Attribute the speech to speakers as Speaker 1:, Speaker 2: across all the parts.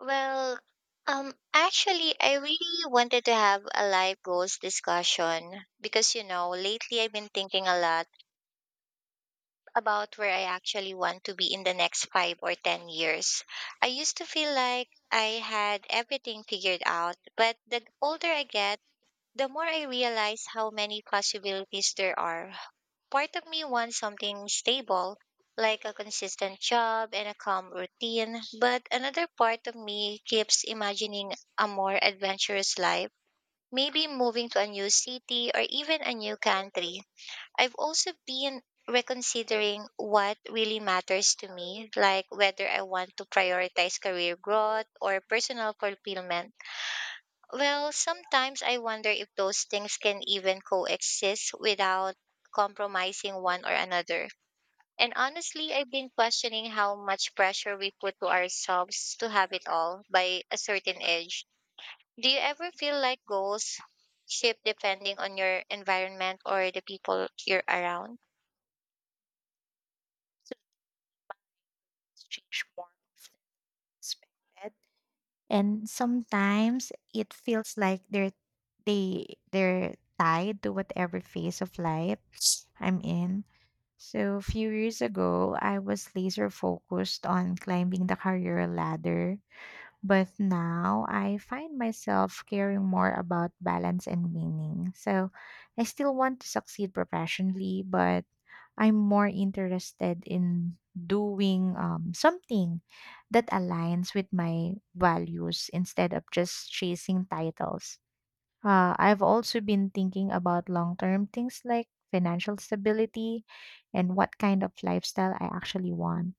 Speaker 1: Well, actually, I really wanted to have a life goals discussion because lately I've been thinking a lot about where I actually want to be in the next 5 or 10 years. I used to feel like I had everything figured out, but the older I get, the more I realize how many possibilities there are. Part of me wants something stable, like a consistent job and a calm routine, but another part of me keeps imagining a more adventurous life, maybe moving to a new city or even a new country. I've also been reconsidering what really matters to me, like whether I want to prioritize career growth or personal fulfillment. Well, sometimes I wonder if those things can even coexist without compromising one or another. And honestly, I've been questioning how much pressure we put to ourselves to have it all by a certain age. Do you ever feel like goals shift depending on your environment or the people you're around?
Speaker 2: So it's changed more often than expected. And sometimes it feels like they they're tied to whatever phase of life I'm in. So a few years ago, I was laser focused on climbing the career ladder. But now I find myself caring more about balance and meaning. So I still want to succeed professionally, but I'm more interested in doing something that aligns with my values instead of just chasing titles. I've also been thinking about long term things like financial stability and what kind of lifestyle I actually want,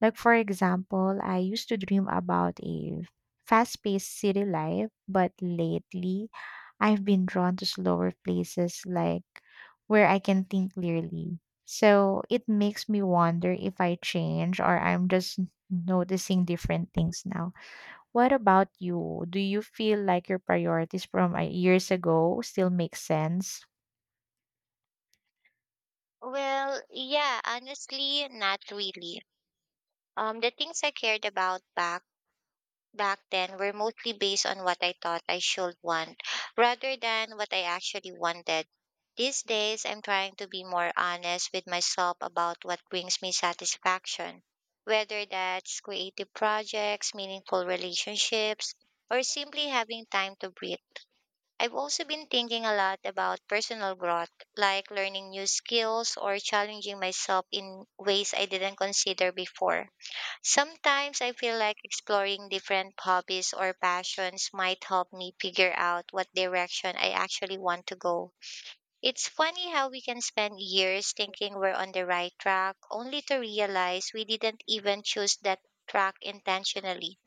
Speaker 2: like, for example, I used to dream about a fast paced city life, but lately I've been drawn to slower places like where I can think clearly. So it makes me wonder if I change or I'm just noticing different things now. What about you? Do you feel like your priorities from years ago still make sense?
Speaker 1: Well, yeah, honestly, not really. The things I cared about back then were mostly based on what I thought I should want rather than what I actually wanted. These days, I'm trying to be more honest with myself about what brings me satisfaction, whether that's creative projects, meaningful relationships, or simply having time to breathe. I've also been thinking a lot about personal growth, like learning new skills or challenging myself in ways I didn't consider before. Sometimes I feel like exploring different hobbies or passions might help me figure out what direction I actually want to go. It's funny how we can spend years thinking we're on the right track only to realize we didn't even choose that track intentionally.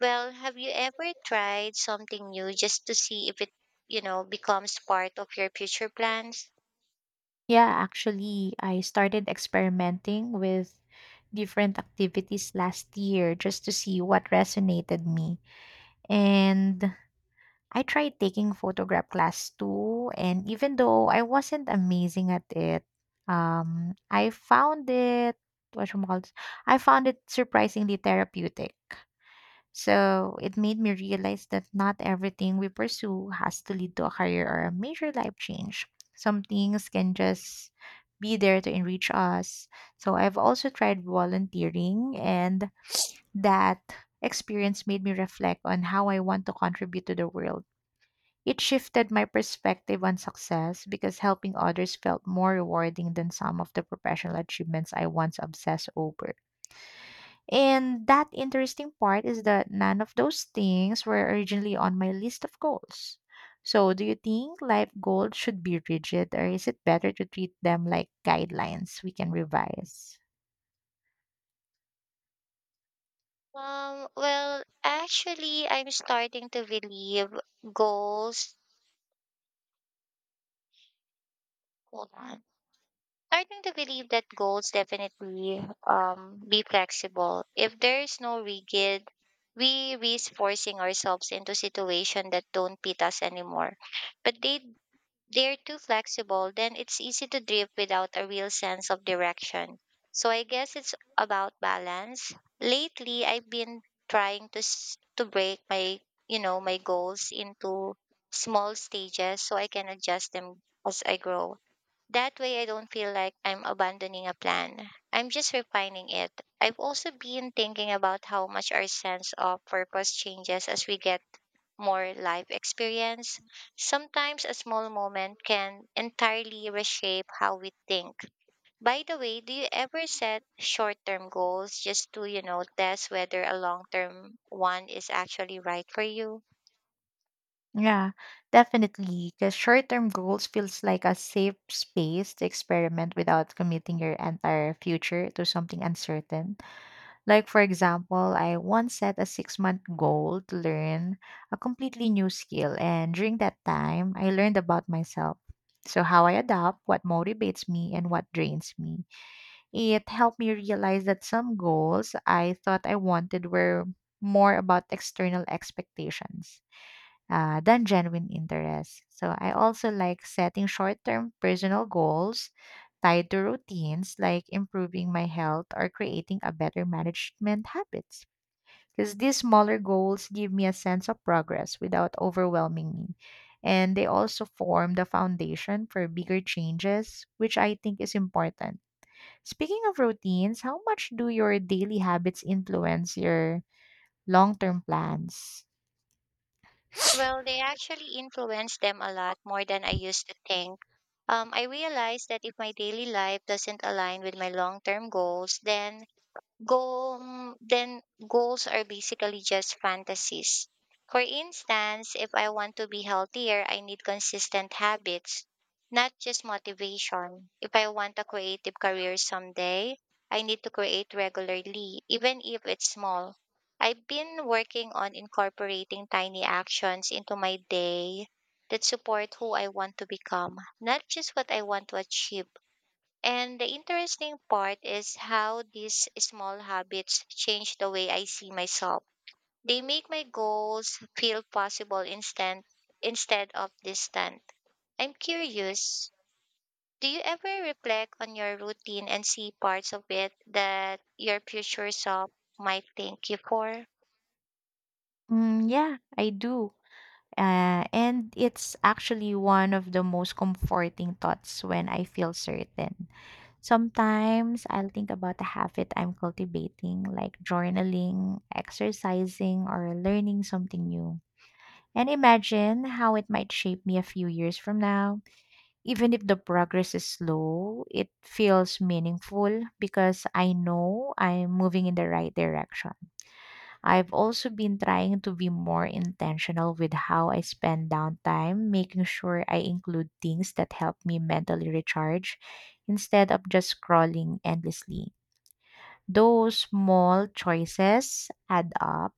Speaker 1: Well, have you ever tried something new just to see if it becomes part of your future plans?
Speaker 2: Yeah, actually, I started experimenting with different activities last year just to see what resonated me. And I tried taking photograph class too. And even though I wasn't amazing at it, um, I found it, what I found it surprisingly therapeutic. So it made me realize that not everything we pursue has to lead to a career or a major life change. Some things can just be there to enrich us. So I've also tried volunteering and that experience made me reflect on how I want to contribute to the world. It shifted my perspective on success because helping others felt more rewarding than some of the professional achievements I once obsessed over. And that interesting part is that none of those things were originally on my list of goals. So, do you think life goals should be rigid, or is it better to treat them like guidelines we can revise?
Speaker 1: Well, actually, I'm starting to believe goals. Hold on. Starting to believe that goals definitely be flexible. If there is no rigid, we risk forcing ourselves into situations that don't fit us anymore. But they're too flexible, then it's easy to drift without a real sense of direction. So I guess it's about balance. Lately, I've been trying to break my my goals into small stages so I can adjust them as I grow. That way, I don't feel like I'm abandoning a plan. I'm just refining it. I've also been thinking about how much our sense of purpose changes as we get more life experience. Sometimes a small moment can entirely reshape how we think. By the way, do you ever set short term goals just to test whether a long term one is actually right for you?
Speaker 2: Yeah, definitely. Because short term goals feels like a safe space to experiment without committing your entire future to something uncertain. Like, for example, I once set a 6-month goal to learn a completely new skill. And during that time, I learned about myself. So, how I adapt, what motivates me, and what drains me. It helped me realize that some goals I thought I wanted were more about external expectations than genuine interest. So I also like setting short term personal goals tied to routines like improving my health or creating a better management habits. Because these smaller goals give me a sense of progress without overwhelming me. And they also form the foundation for bigger changes, which I think is important. Speaking of routines, how much do your daily habits influence your long term plans?
Speaker 1: Well, they actually influence them a lot more than I used to think. I realized that if my daily life doesn't align with my long term goals, then goals are basically just fantasies. For instance, if I want to be healthier, I need consistent habits, not just motivation. If I want a creative career someday, I need to create regularly, even if it's small. I've been working on incorporating tiny actions into my day that support who I want to become, not just what I want to achieve. And the interesting part is how these small habits change the way I see myself. They make my goals feel possible instant instead of distant. I'm curious, do you ever reflect on your routine and see parts of it that your future self might thank you for?
Speaker 2: Mm, yeah, I do. And it's actually one of the most comforting thoughts when I feel certain. Sometimes I'll think about a habit I'm cultivating, like journaling, exercising, or learning something new. And imagine how it might shape me a few years from now. Even if the progress is slow, it feels meaningful because I know I'm moving in the right direction. I've also been trying to be more intentional with how I spend downtime, making sure I include things that help me mentally recharge instead of just scrolling endlessly. Those small choices add up,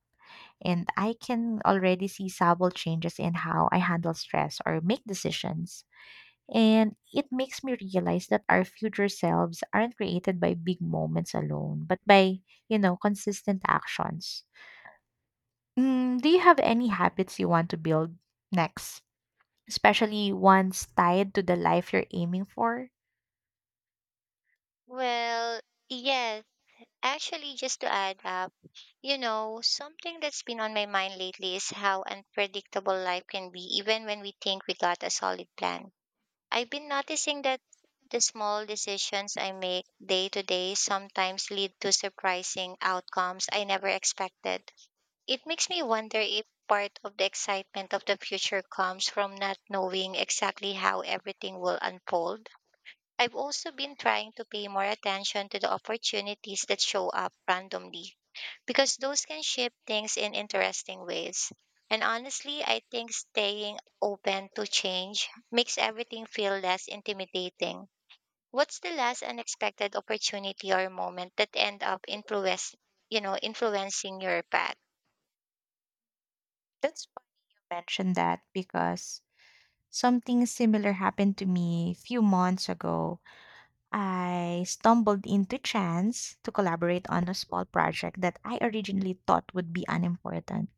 Speaker 2: and I can already see subtle changes in how I handle stress or make decisions. And it makes me realize that our future selves aren't created by big moments alone, but by consistent actions. Mm, do you have any habits you want to build next, especially ones tied to the life you're aiming for?
Speaker 1: Well, yes, actually, just to add up, something that's been on my mind lately is how unpredictable life can be, even when we think we got a solid plan. I've been noticing that the small decisions I make day to day sometimes lead to surprising outcomes I never expected. It makes me wonder if part of the excitement of the future comes from not knowing exactly how everything will unfold. I've also been trying to pay more attention to the opportunities that show up randomly because those can shape things in interesting ways. And honestly, I think staying open to change makes everything feel less intimidating. What's the last unexpected opportunity or moment that end up influencing your path?
Speaker 2: That's funny you mentioned that because something similar happened to me a few months ago. I stumbled into chance to collaborate on a small project that I originally thought would be unimportant,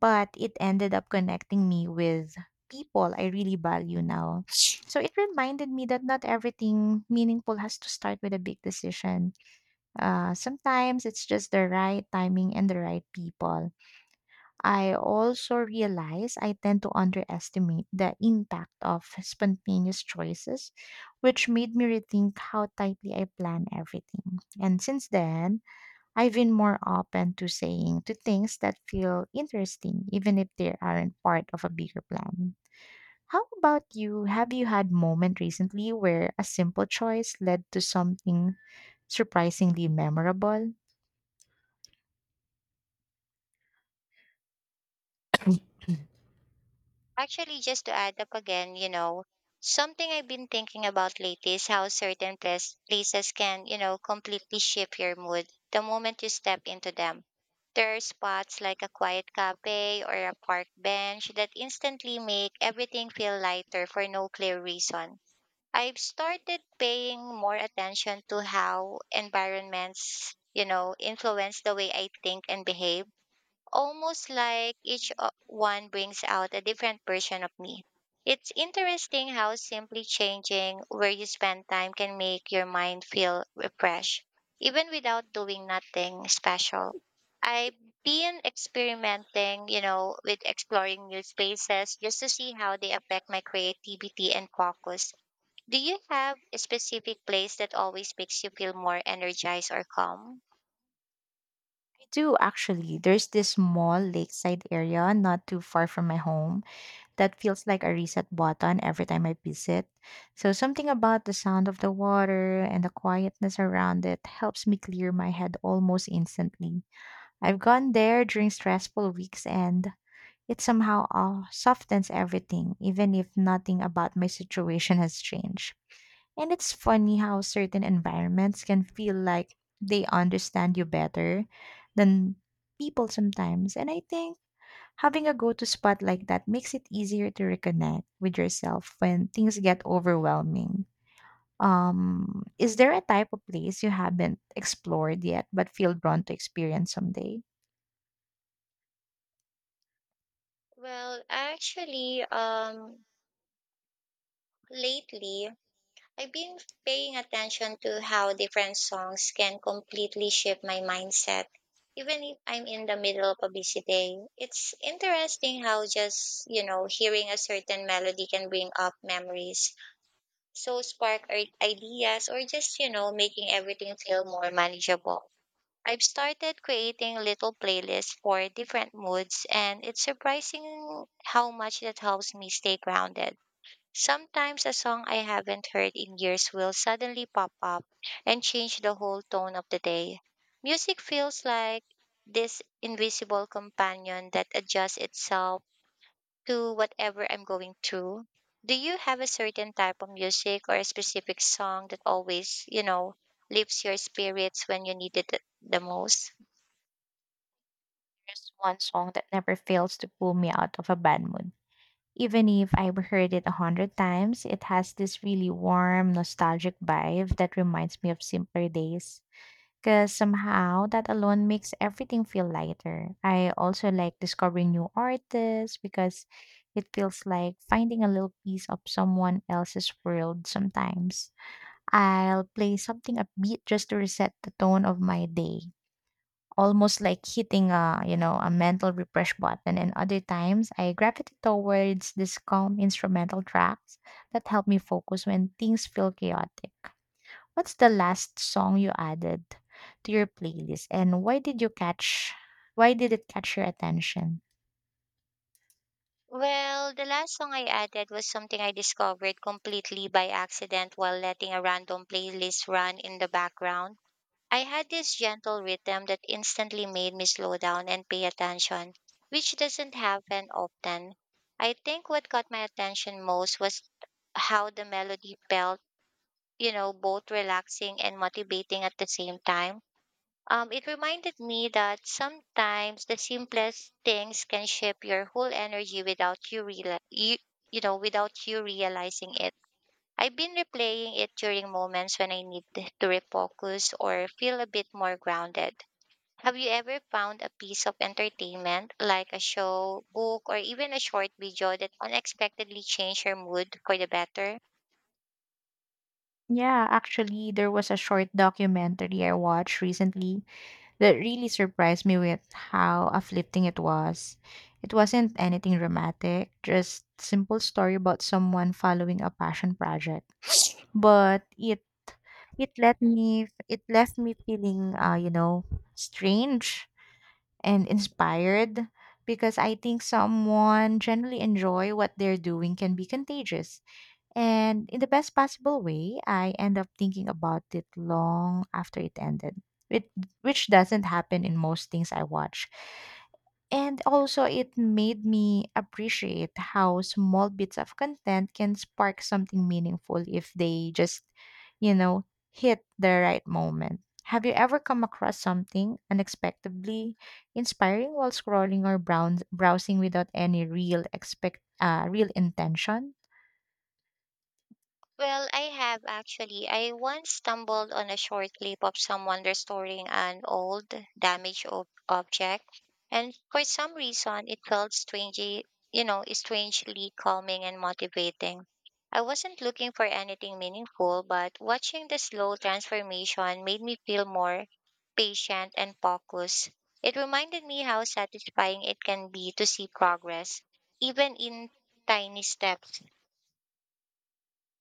Speaker 2: but it ended up connecting me with people I really value now. So it reminded me that not everything meaningful has to start with a big decision. Sometimes it's just the right timing and the right people. I also realize I tend to underestimate the impact of spontaneous choices, which made me rethink how tightly I plan everything. And since then, I've been more open to saying to things that feel interesting, even if they aren't part of a bigger plan. How about you? Have you had moment recently where a simple choice led to something surprisingly memorable?
Speaker 1: Actually, just to add up again, something I've been thinking about lately is how certain places can completely shift your mood the moment you step into them. There are spots like a quiet cafe or a park bench that instantly make everything feel lighter for no clear reason. I've started paying more attention to how environments influence the way I think and behave, almost like one brings out a different version of me. It's interesting how simply changing where you spend time can make your mind feel refreshed, even without doing nothing special. I've been experimenting with exploring new spaces just to see how they affect my creativity and focus. Do you have a specific place that always makes you feel more energized or calm?
Speaker 2: Do actually. There's this small lakeside area not too far from my home that feels like a reset button every time I visit. So something about the sound of the water and the quietness around it helps me clear my head almost instantly. I've gone there during stressful weeks and it somehow softens everything, even if nothing about my situation has changed. And it's funny how certain environments can feel like they understand you better than people sometimes. And I think having a go to spot like that makes it easier to reconnect with yourself when things get overwhelming. Is there a type of place you haven't explored yet but feel drawn to experience someday?
Speaker 1: Well, actually, lately, I've been paying attention to how different songs can completely shift my mindset. Even if I'm in the middle of a busy day, it's interesting how just hearing a certain melody can bring up memories, so ideas, or just making everything feel more manageable. I've started creating little playlists for different moods, and it's surprising how much that helps me stay grounded. Sometimes a song I haven't heard in years will suddenly pop up and change the whole tone of the day. Music feels like this invisible companion that adjusts itself to whatever I'm going through. Do you have a certain type of music or a specific song that always lifts your spirits when you need it the most?
Speaker 2: There's one song that never fails to pull me out of a bad mood. Even if I've heard it a hundred times, it has this really warm, nostalgic vibe that reminds me of simpler days. Because somehow that alone makes everything feel lighter. I also like discovering new artists because it feels like finding a little piece of someone else's world sometimes. I'll play something upbeat just to reset the tone of my day, almost like hitting a you know a mental refresh button. And other times, I gravitate towards these calm instrumental tracks that help me focus when things feel chaotic. What's the last song you added to your playlist, and why did it catch your attention?
Speaker 1: Well, the last song I added was something I discovered completely by accident while letting a random playlist run in the background. I had this gentle rhythm that instantly made me slow down and pay attention, which doesn't happen often. I think what caught my attention most was how the melody felt both relaxing and motivating at the same time. It reminded me that sometimes the simplest things can shape your whole energy without you, reali- you know, without you realizing it. I've been replaying it during moments when I need to refocus or feel a bit more grounded. Have you ever found a piece of entertainment, like a show, book, or even a short video that unexpectedly changed your mood for the better?
Speaker 2: Yeah, actually, there was a short documentary I watched recently that really surprised me with how uplifting it was. It wasn't anything dramatic, just simple story about someone following a passion project. But it let me it left me feeling strange and inspired because I think someone generally enjoy what they're doing can be contagious. And in the best possible way, I end up thinking about it long after it ended, which, which doesn't happen in most things I watch. And also, it made me appreciate how small bits of content can spark something meaningful if they just, you know, hit the right moment. Have you ever come across something unexpectedly inspiring while scrolling or browsing without any real intention?
Speaker 1: Well, I have actually. I once stumbled on a short clip of someone restoring an old damaged object, and for some reason it felt strangely calming and motivating. I wasn't looking for anything meaningful, but watching the slow transformation made me feel more patient and focused. It reminded me how satisfying it can be to see progress, even in tiny steps.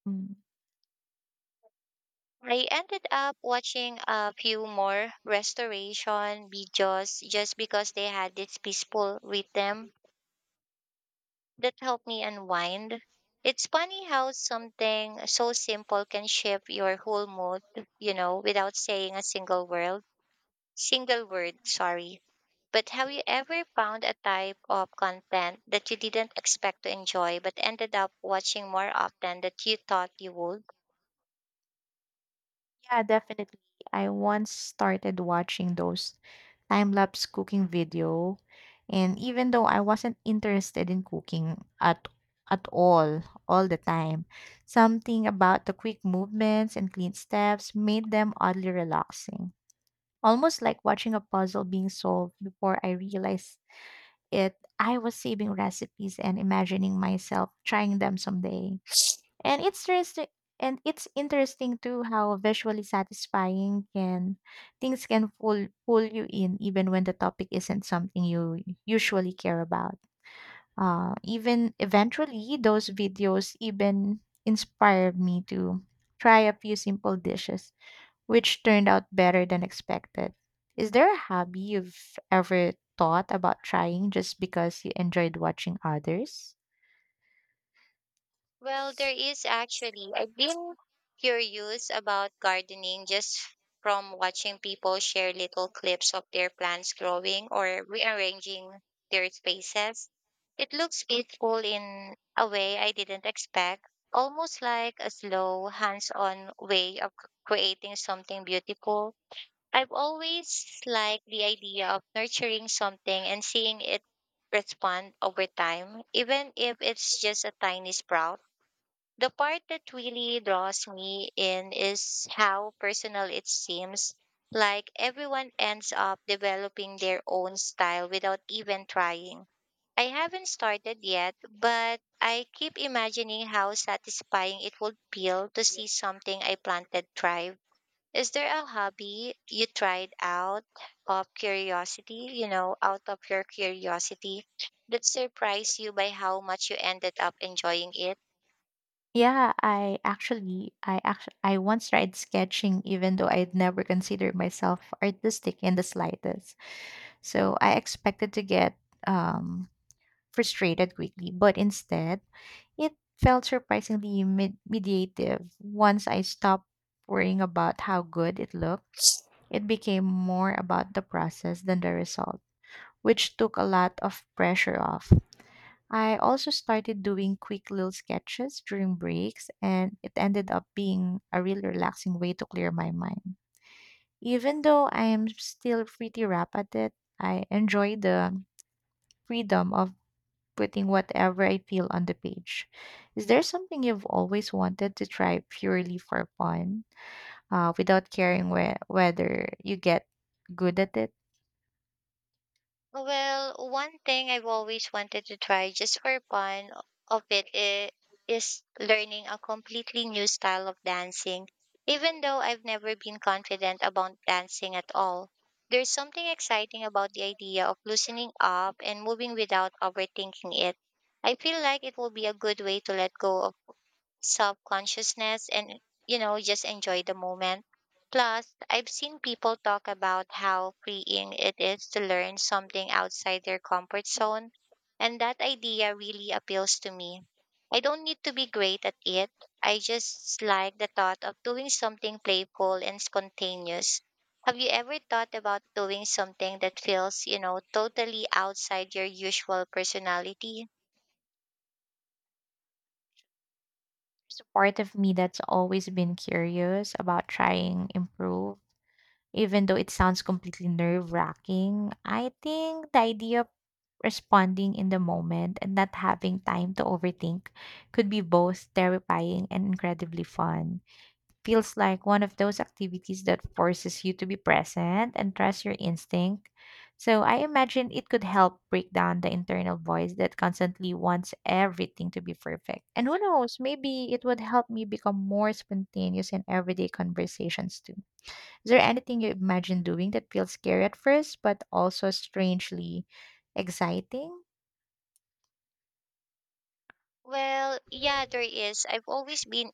Speaker 2: Hmm.
Speaker 1: I ended up watching a few more restoration videos just because they had this peaceful rhythm that helped me unwind. It's funny how something so simple can shift your whole mood, without saying a single word. Single word, sorry. But have you ever found a type of content that you didn't expect to enjoy but ended up watching more often than you thought you would?
Speaker 2: Yeah, definitely. I once started watching those time-lapse cooking video, and even though I wasn't interested in cooking at all the time, something about the quick movements and clean steps made them oddly relaxing. Almost like watching a puzzle being solved. Before I realized it, I was saving recipes and imagining myself trying them someday. And it's interesting and it's interesting too how visually satisfying can things can pull you in even when the topic isn't something you usually care about. Eventually those videos even inspired me to try a few simple dishes which turned out better than expected. Is there a hobby you've ever thought about trying just because you enjoyed watching others?
Speaker 1: Well, there is actually. I've been curious about gardening just from watching people share little clips of their plants growing or rearranging their spaces. It looks peaceful in a way I didn't expect, almost like a slow, hands-on way of creating something beautiful. I've always liked the idea of nurturing something and seeing it respond over time, even if it's just a tiny sprout. The part that really draws me in is how personal it seems. Like everyone ends up developing their own style without even trying. I haven't started yet, but I keep imagining how satisfying it would feel to see something I planted thrive. Is there a hobby you tried out of your curiosity that surprised you by how much you ended up enjoying it?
Speaker 2: Yeah, I once tried sketching, even though I'd never considered myself artistic in the slightest. So I expected to get um, frustrated quickly, but instead, it felt surprisingly mediative. Once I stopped worrying about how good it looked, it became more about the process than the result, which took a lot of pressure off. I also started doing quick little sketches during breaks, and it ended up being a really relaxing way to clear my mind. Even though I am still pretty rough at it, I enjoy the freedom of putting whatever I feel on the page. Is there something you've always wanted to try purely for fun, without caring whether you get good at it?
Speaker 1: Well, one thing I've always wanted to try just for fun of it is learning a completely new style of dancing. Even though I've never been confident about dancing at all, there's something exciting about the idea of loosening up and moving without overthinking it. I feel like it will be a good way to let go of self consciousness and just enjoy the moment. Plus, I've seen people talk about how freeing it is to learn something outside their comfort zone, and that idea really appeals to me. I don't need to be great at it. I just like the thought of doing something playful and spontaneous. Have you ever thought about doing something that feels, you know, totally outside your usual personality?
Speaker 2: There's a part of me that's always been curious about trying improve. Even though it sounds completely nerve wracking, I think the idea of responding in the moment and not having time to overthink could be both terrifying and incredibly fun. Feels like one of those activities that forces you to be present and trust your instinct. So I imagine it could help break down the internal voice that constantly wants everything to be perfect. And who knows, maybe it would help me become more spontaneous in everyday conversations too. Is there anything you imagine doing that feels scary at first, but also strangely exciting?
Speaker 1: Well, yeah, there is. I've always been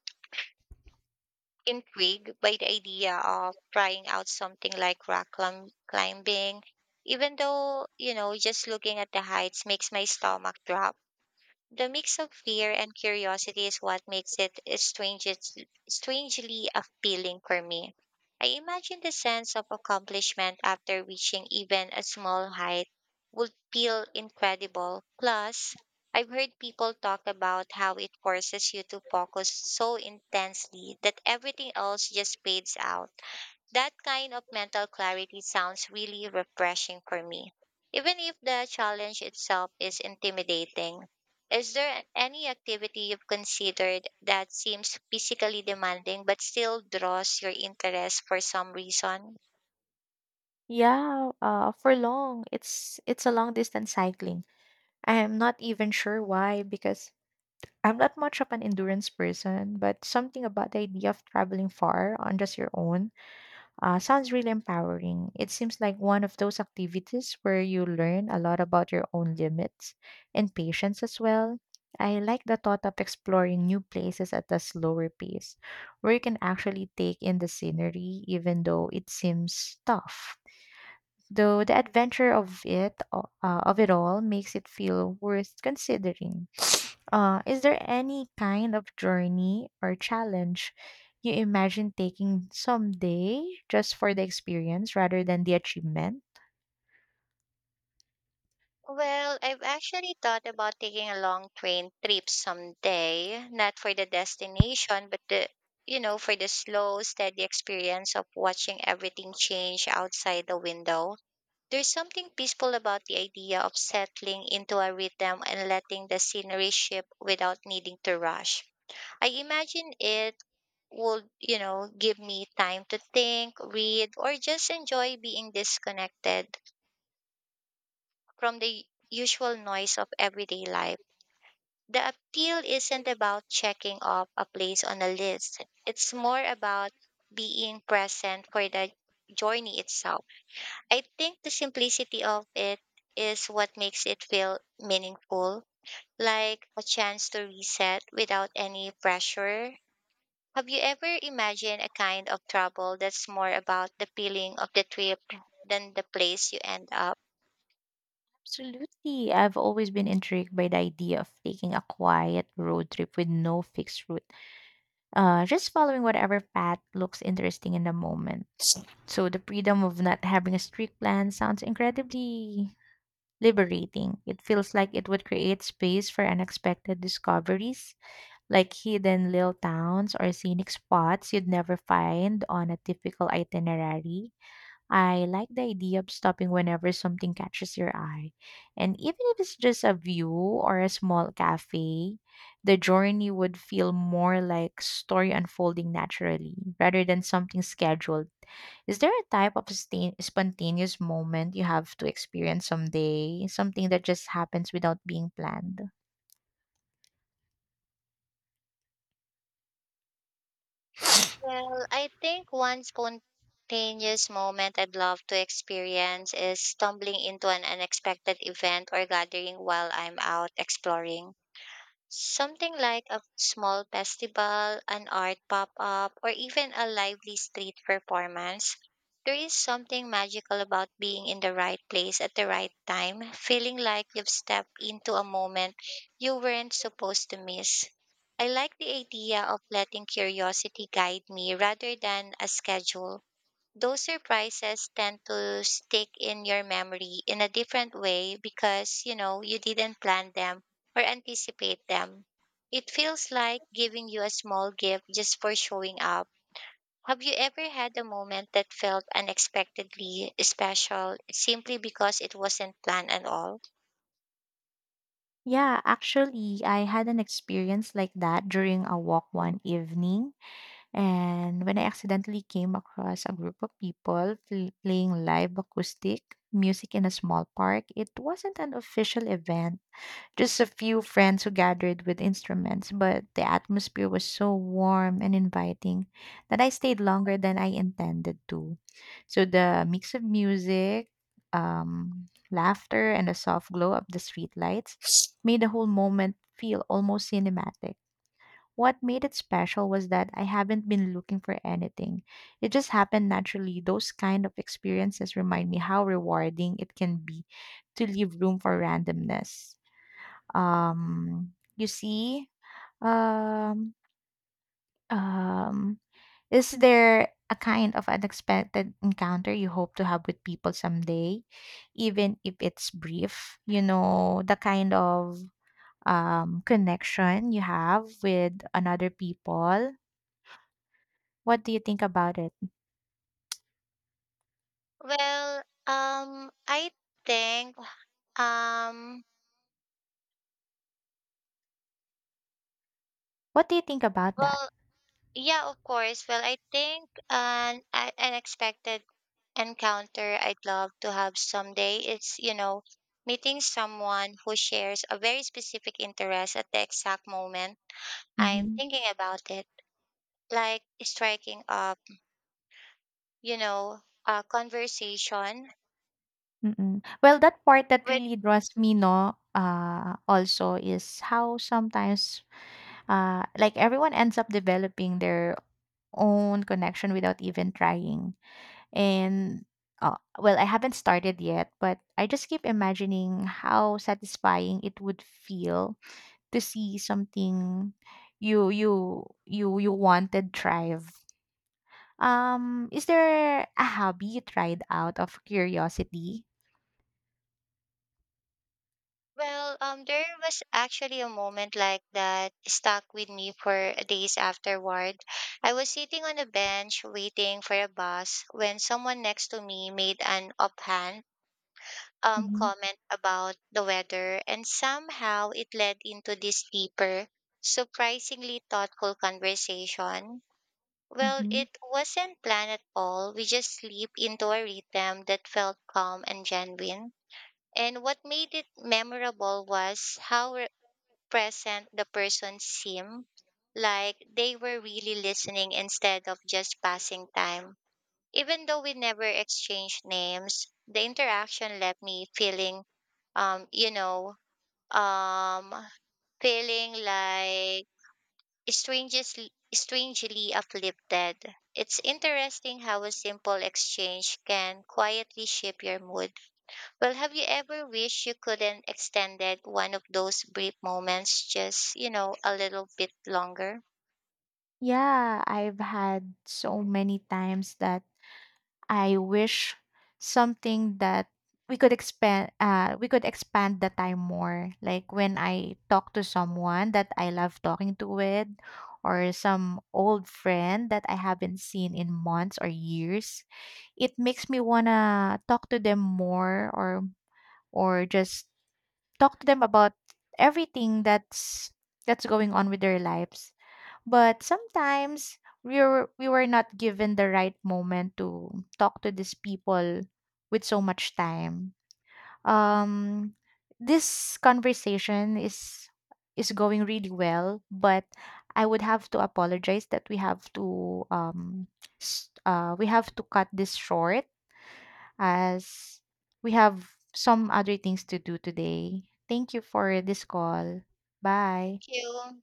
Speaker 1: intrigued by the idea of trying out something like climbing, even though, you know, just looking at the heights makes my stomach drop. The mix of fear and curiosity is what makes it strangely appealing for me. I imagine the sense of accomplishment after reaching even a small height would feel incredible. Plus, I've heard people talk about how it forces you to focus so intensely that everything else just fades out. That kind of mental clarity sounds really refreshing for me. Even if the challenge itself is intimidating, is there any activity you've considered that seems physically demanding but still draws your interest for some reason?
Speaker 2: Yeah, for long. It's a long distance cycling. I'm not even sure why because I'm not much of an endurance person, but something about the idea of traveling far on just your own sounds really empowering. It seems like one of those activities where you learn a lot about your own limits and patience as well. I like the thought of exploring new places at a slower pace, where you can actually take in the scenery, even though it seems tough. Though the adventure of it all, makes it feel worth considering. Is there any kind of journey or challenge you imagine taking someday just for the experience rather than the achievement?
Speaker 1: Well, I've actually thought about taking a long train trip someday, not for the destination, but the, you know, for the slow, steady experience of watching everything change outside the window. There's something peaceful about the idea of settling into a rhythm and letting the scenery shift without needing to rush. I imagine it would, you know, give me time to think, read, or just enjoy being disconnected from the usual noise of everyday life. The appeal isn't about checking off a place on a list. It's more about being present for the journey itself. I think the simplicity of it is what makes it feel meaningful, like a chance to reset without any pressure. Have you ever imagined a kind of travel that's more about the feeling of the trip than the place you end up?
Speaker 2: Absolutely. I've always been intrigued by the idea of taking a quiet road trip with no fixed route, just following whatever path looks interesting in the moment. So the freedom of not having a strict plan sounds incredibly liberating. It feels like it would create space for unexpected discoveries like hidden little towns or scenic spots you'd never find on a typical itinerary. I like the idea of stopping whenever something catches your eye. And even if it's just a view or a small cafe, the journey would feel more like story unfolding naturally rather than something scheduled. Is there a type of spontaneous moment you have to experience someday? Something that just happens without being planned?
Speaker 1: Well, I think one spontaneous moment I'd love to experience is stumbling into an unexpected event or gathering while I'm out exploring. Something like a small festival, an art pop up, or even a lively street performance. There is something magical about being in the right place at the right time, feeling like you've stepped into a moment you weren't supposed to miss. I like the idea of letting curiosity guide me rather than a schedule. Those surprises tend to stick in your memory in a different way because you know you didn't plan them or anticipate them. It feels like giving you a small gift just for showing up. Have you ever had a moment that felt unexpectedly special simply because it wasn't planned at all?
Speaker 2: Yeah, actually, I had an experience like that during a walk one evening. And when I accidentally came across a group of playing live acoustic music in a small park, it wasn't an official event. Just a few friends who gathered with instruments, but the atmosphere was so warm and inviting that I stayed longer than I intended to. So the mix of music, um, laughter, and the soft glow of the streetlights made the whole moment feel almost cinematic. What made it special was that I haven't been looking for anything. It just happened naturally. Those kind of experiences remind me how rewarding it can be to leave room for randomness um you see um um is there a kind of unexpected encounter you hope to have with people someday, even if it's brief? You know, the kind of connection you have with another people. What do you think about it?
Speaker 1: I think um,
Speaker 2: What do you think about that?
Speaker 1: well, yeah, of course. Well, I think an unexpected encounter I'd love to have someday is, you know, meeting someone who shares a very specific interest at the exact moment I'm
Speaker 2: Mhm.
Speaker 1: thinking about it, like striking up, you know, a conversation
Speaker 2: Mm-mm. Well, that part that
Speaker 1: with.
Speaker 2: really draws me, no, also is how sometimes like everyone ends up developing their own connection without even trying. And well, I haven't started yet, but I just keep imagining how satisfying it would feel to see something you wanted thrive. Is there a hobby you tried out of curiosity?
Speaker 1: Well, there was actually a moment like that stuck with me for days afterward. I was sitting on a bench waiting for a bus when someone next to me made an offhand
Speaker 2: Mm-hmm.
Speaker 1: comment about the weather, and somehow it led into this deeper, surprisingly thoughtful conversation. Well,
Speaker 2: Mm-hmm.
Speaker 1: it wasn't planned at all. We just slipped into a rhythm that felt calm and genuine. And what made it memorable was how present the person seemed, like they were really listening instead of just passing time. Even though we never exchanged names, the interaction left me um, you know, um, feeling like strangely uplifted. It's interesting how a simple exchange can quietly shape your mood. Well, have you ever wished you couldn't extended one of those brief moments just, you know, a little bit longer?
Speaker 2: Yeah, I've had so many times that I wish something that we could expand the time more, like when I talk to someone that I love talking to with, or some old friend that I haven't seen in months or years. It makes me want to talk to them more, or just talk to them about everything that's going on with their lives. But sometimes we were not given the right moment to talk to these people with so much time. Um, this conversation is going really well, but I would have to apologize that we have to we have to cut this short, as we have some other things to do today. Thank you for this call. Bye.
Speaker 1: Thank you.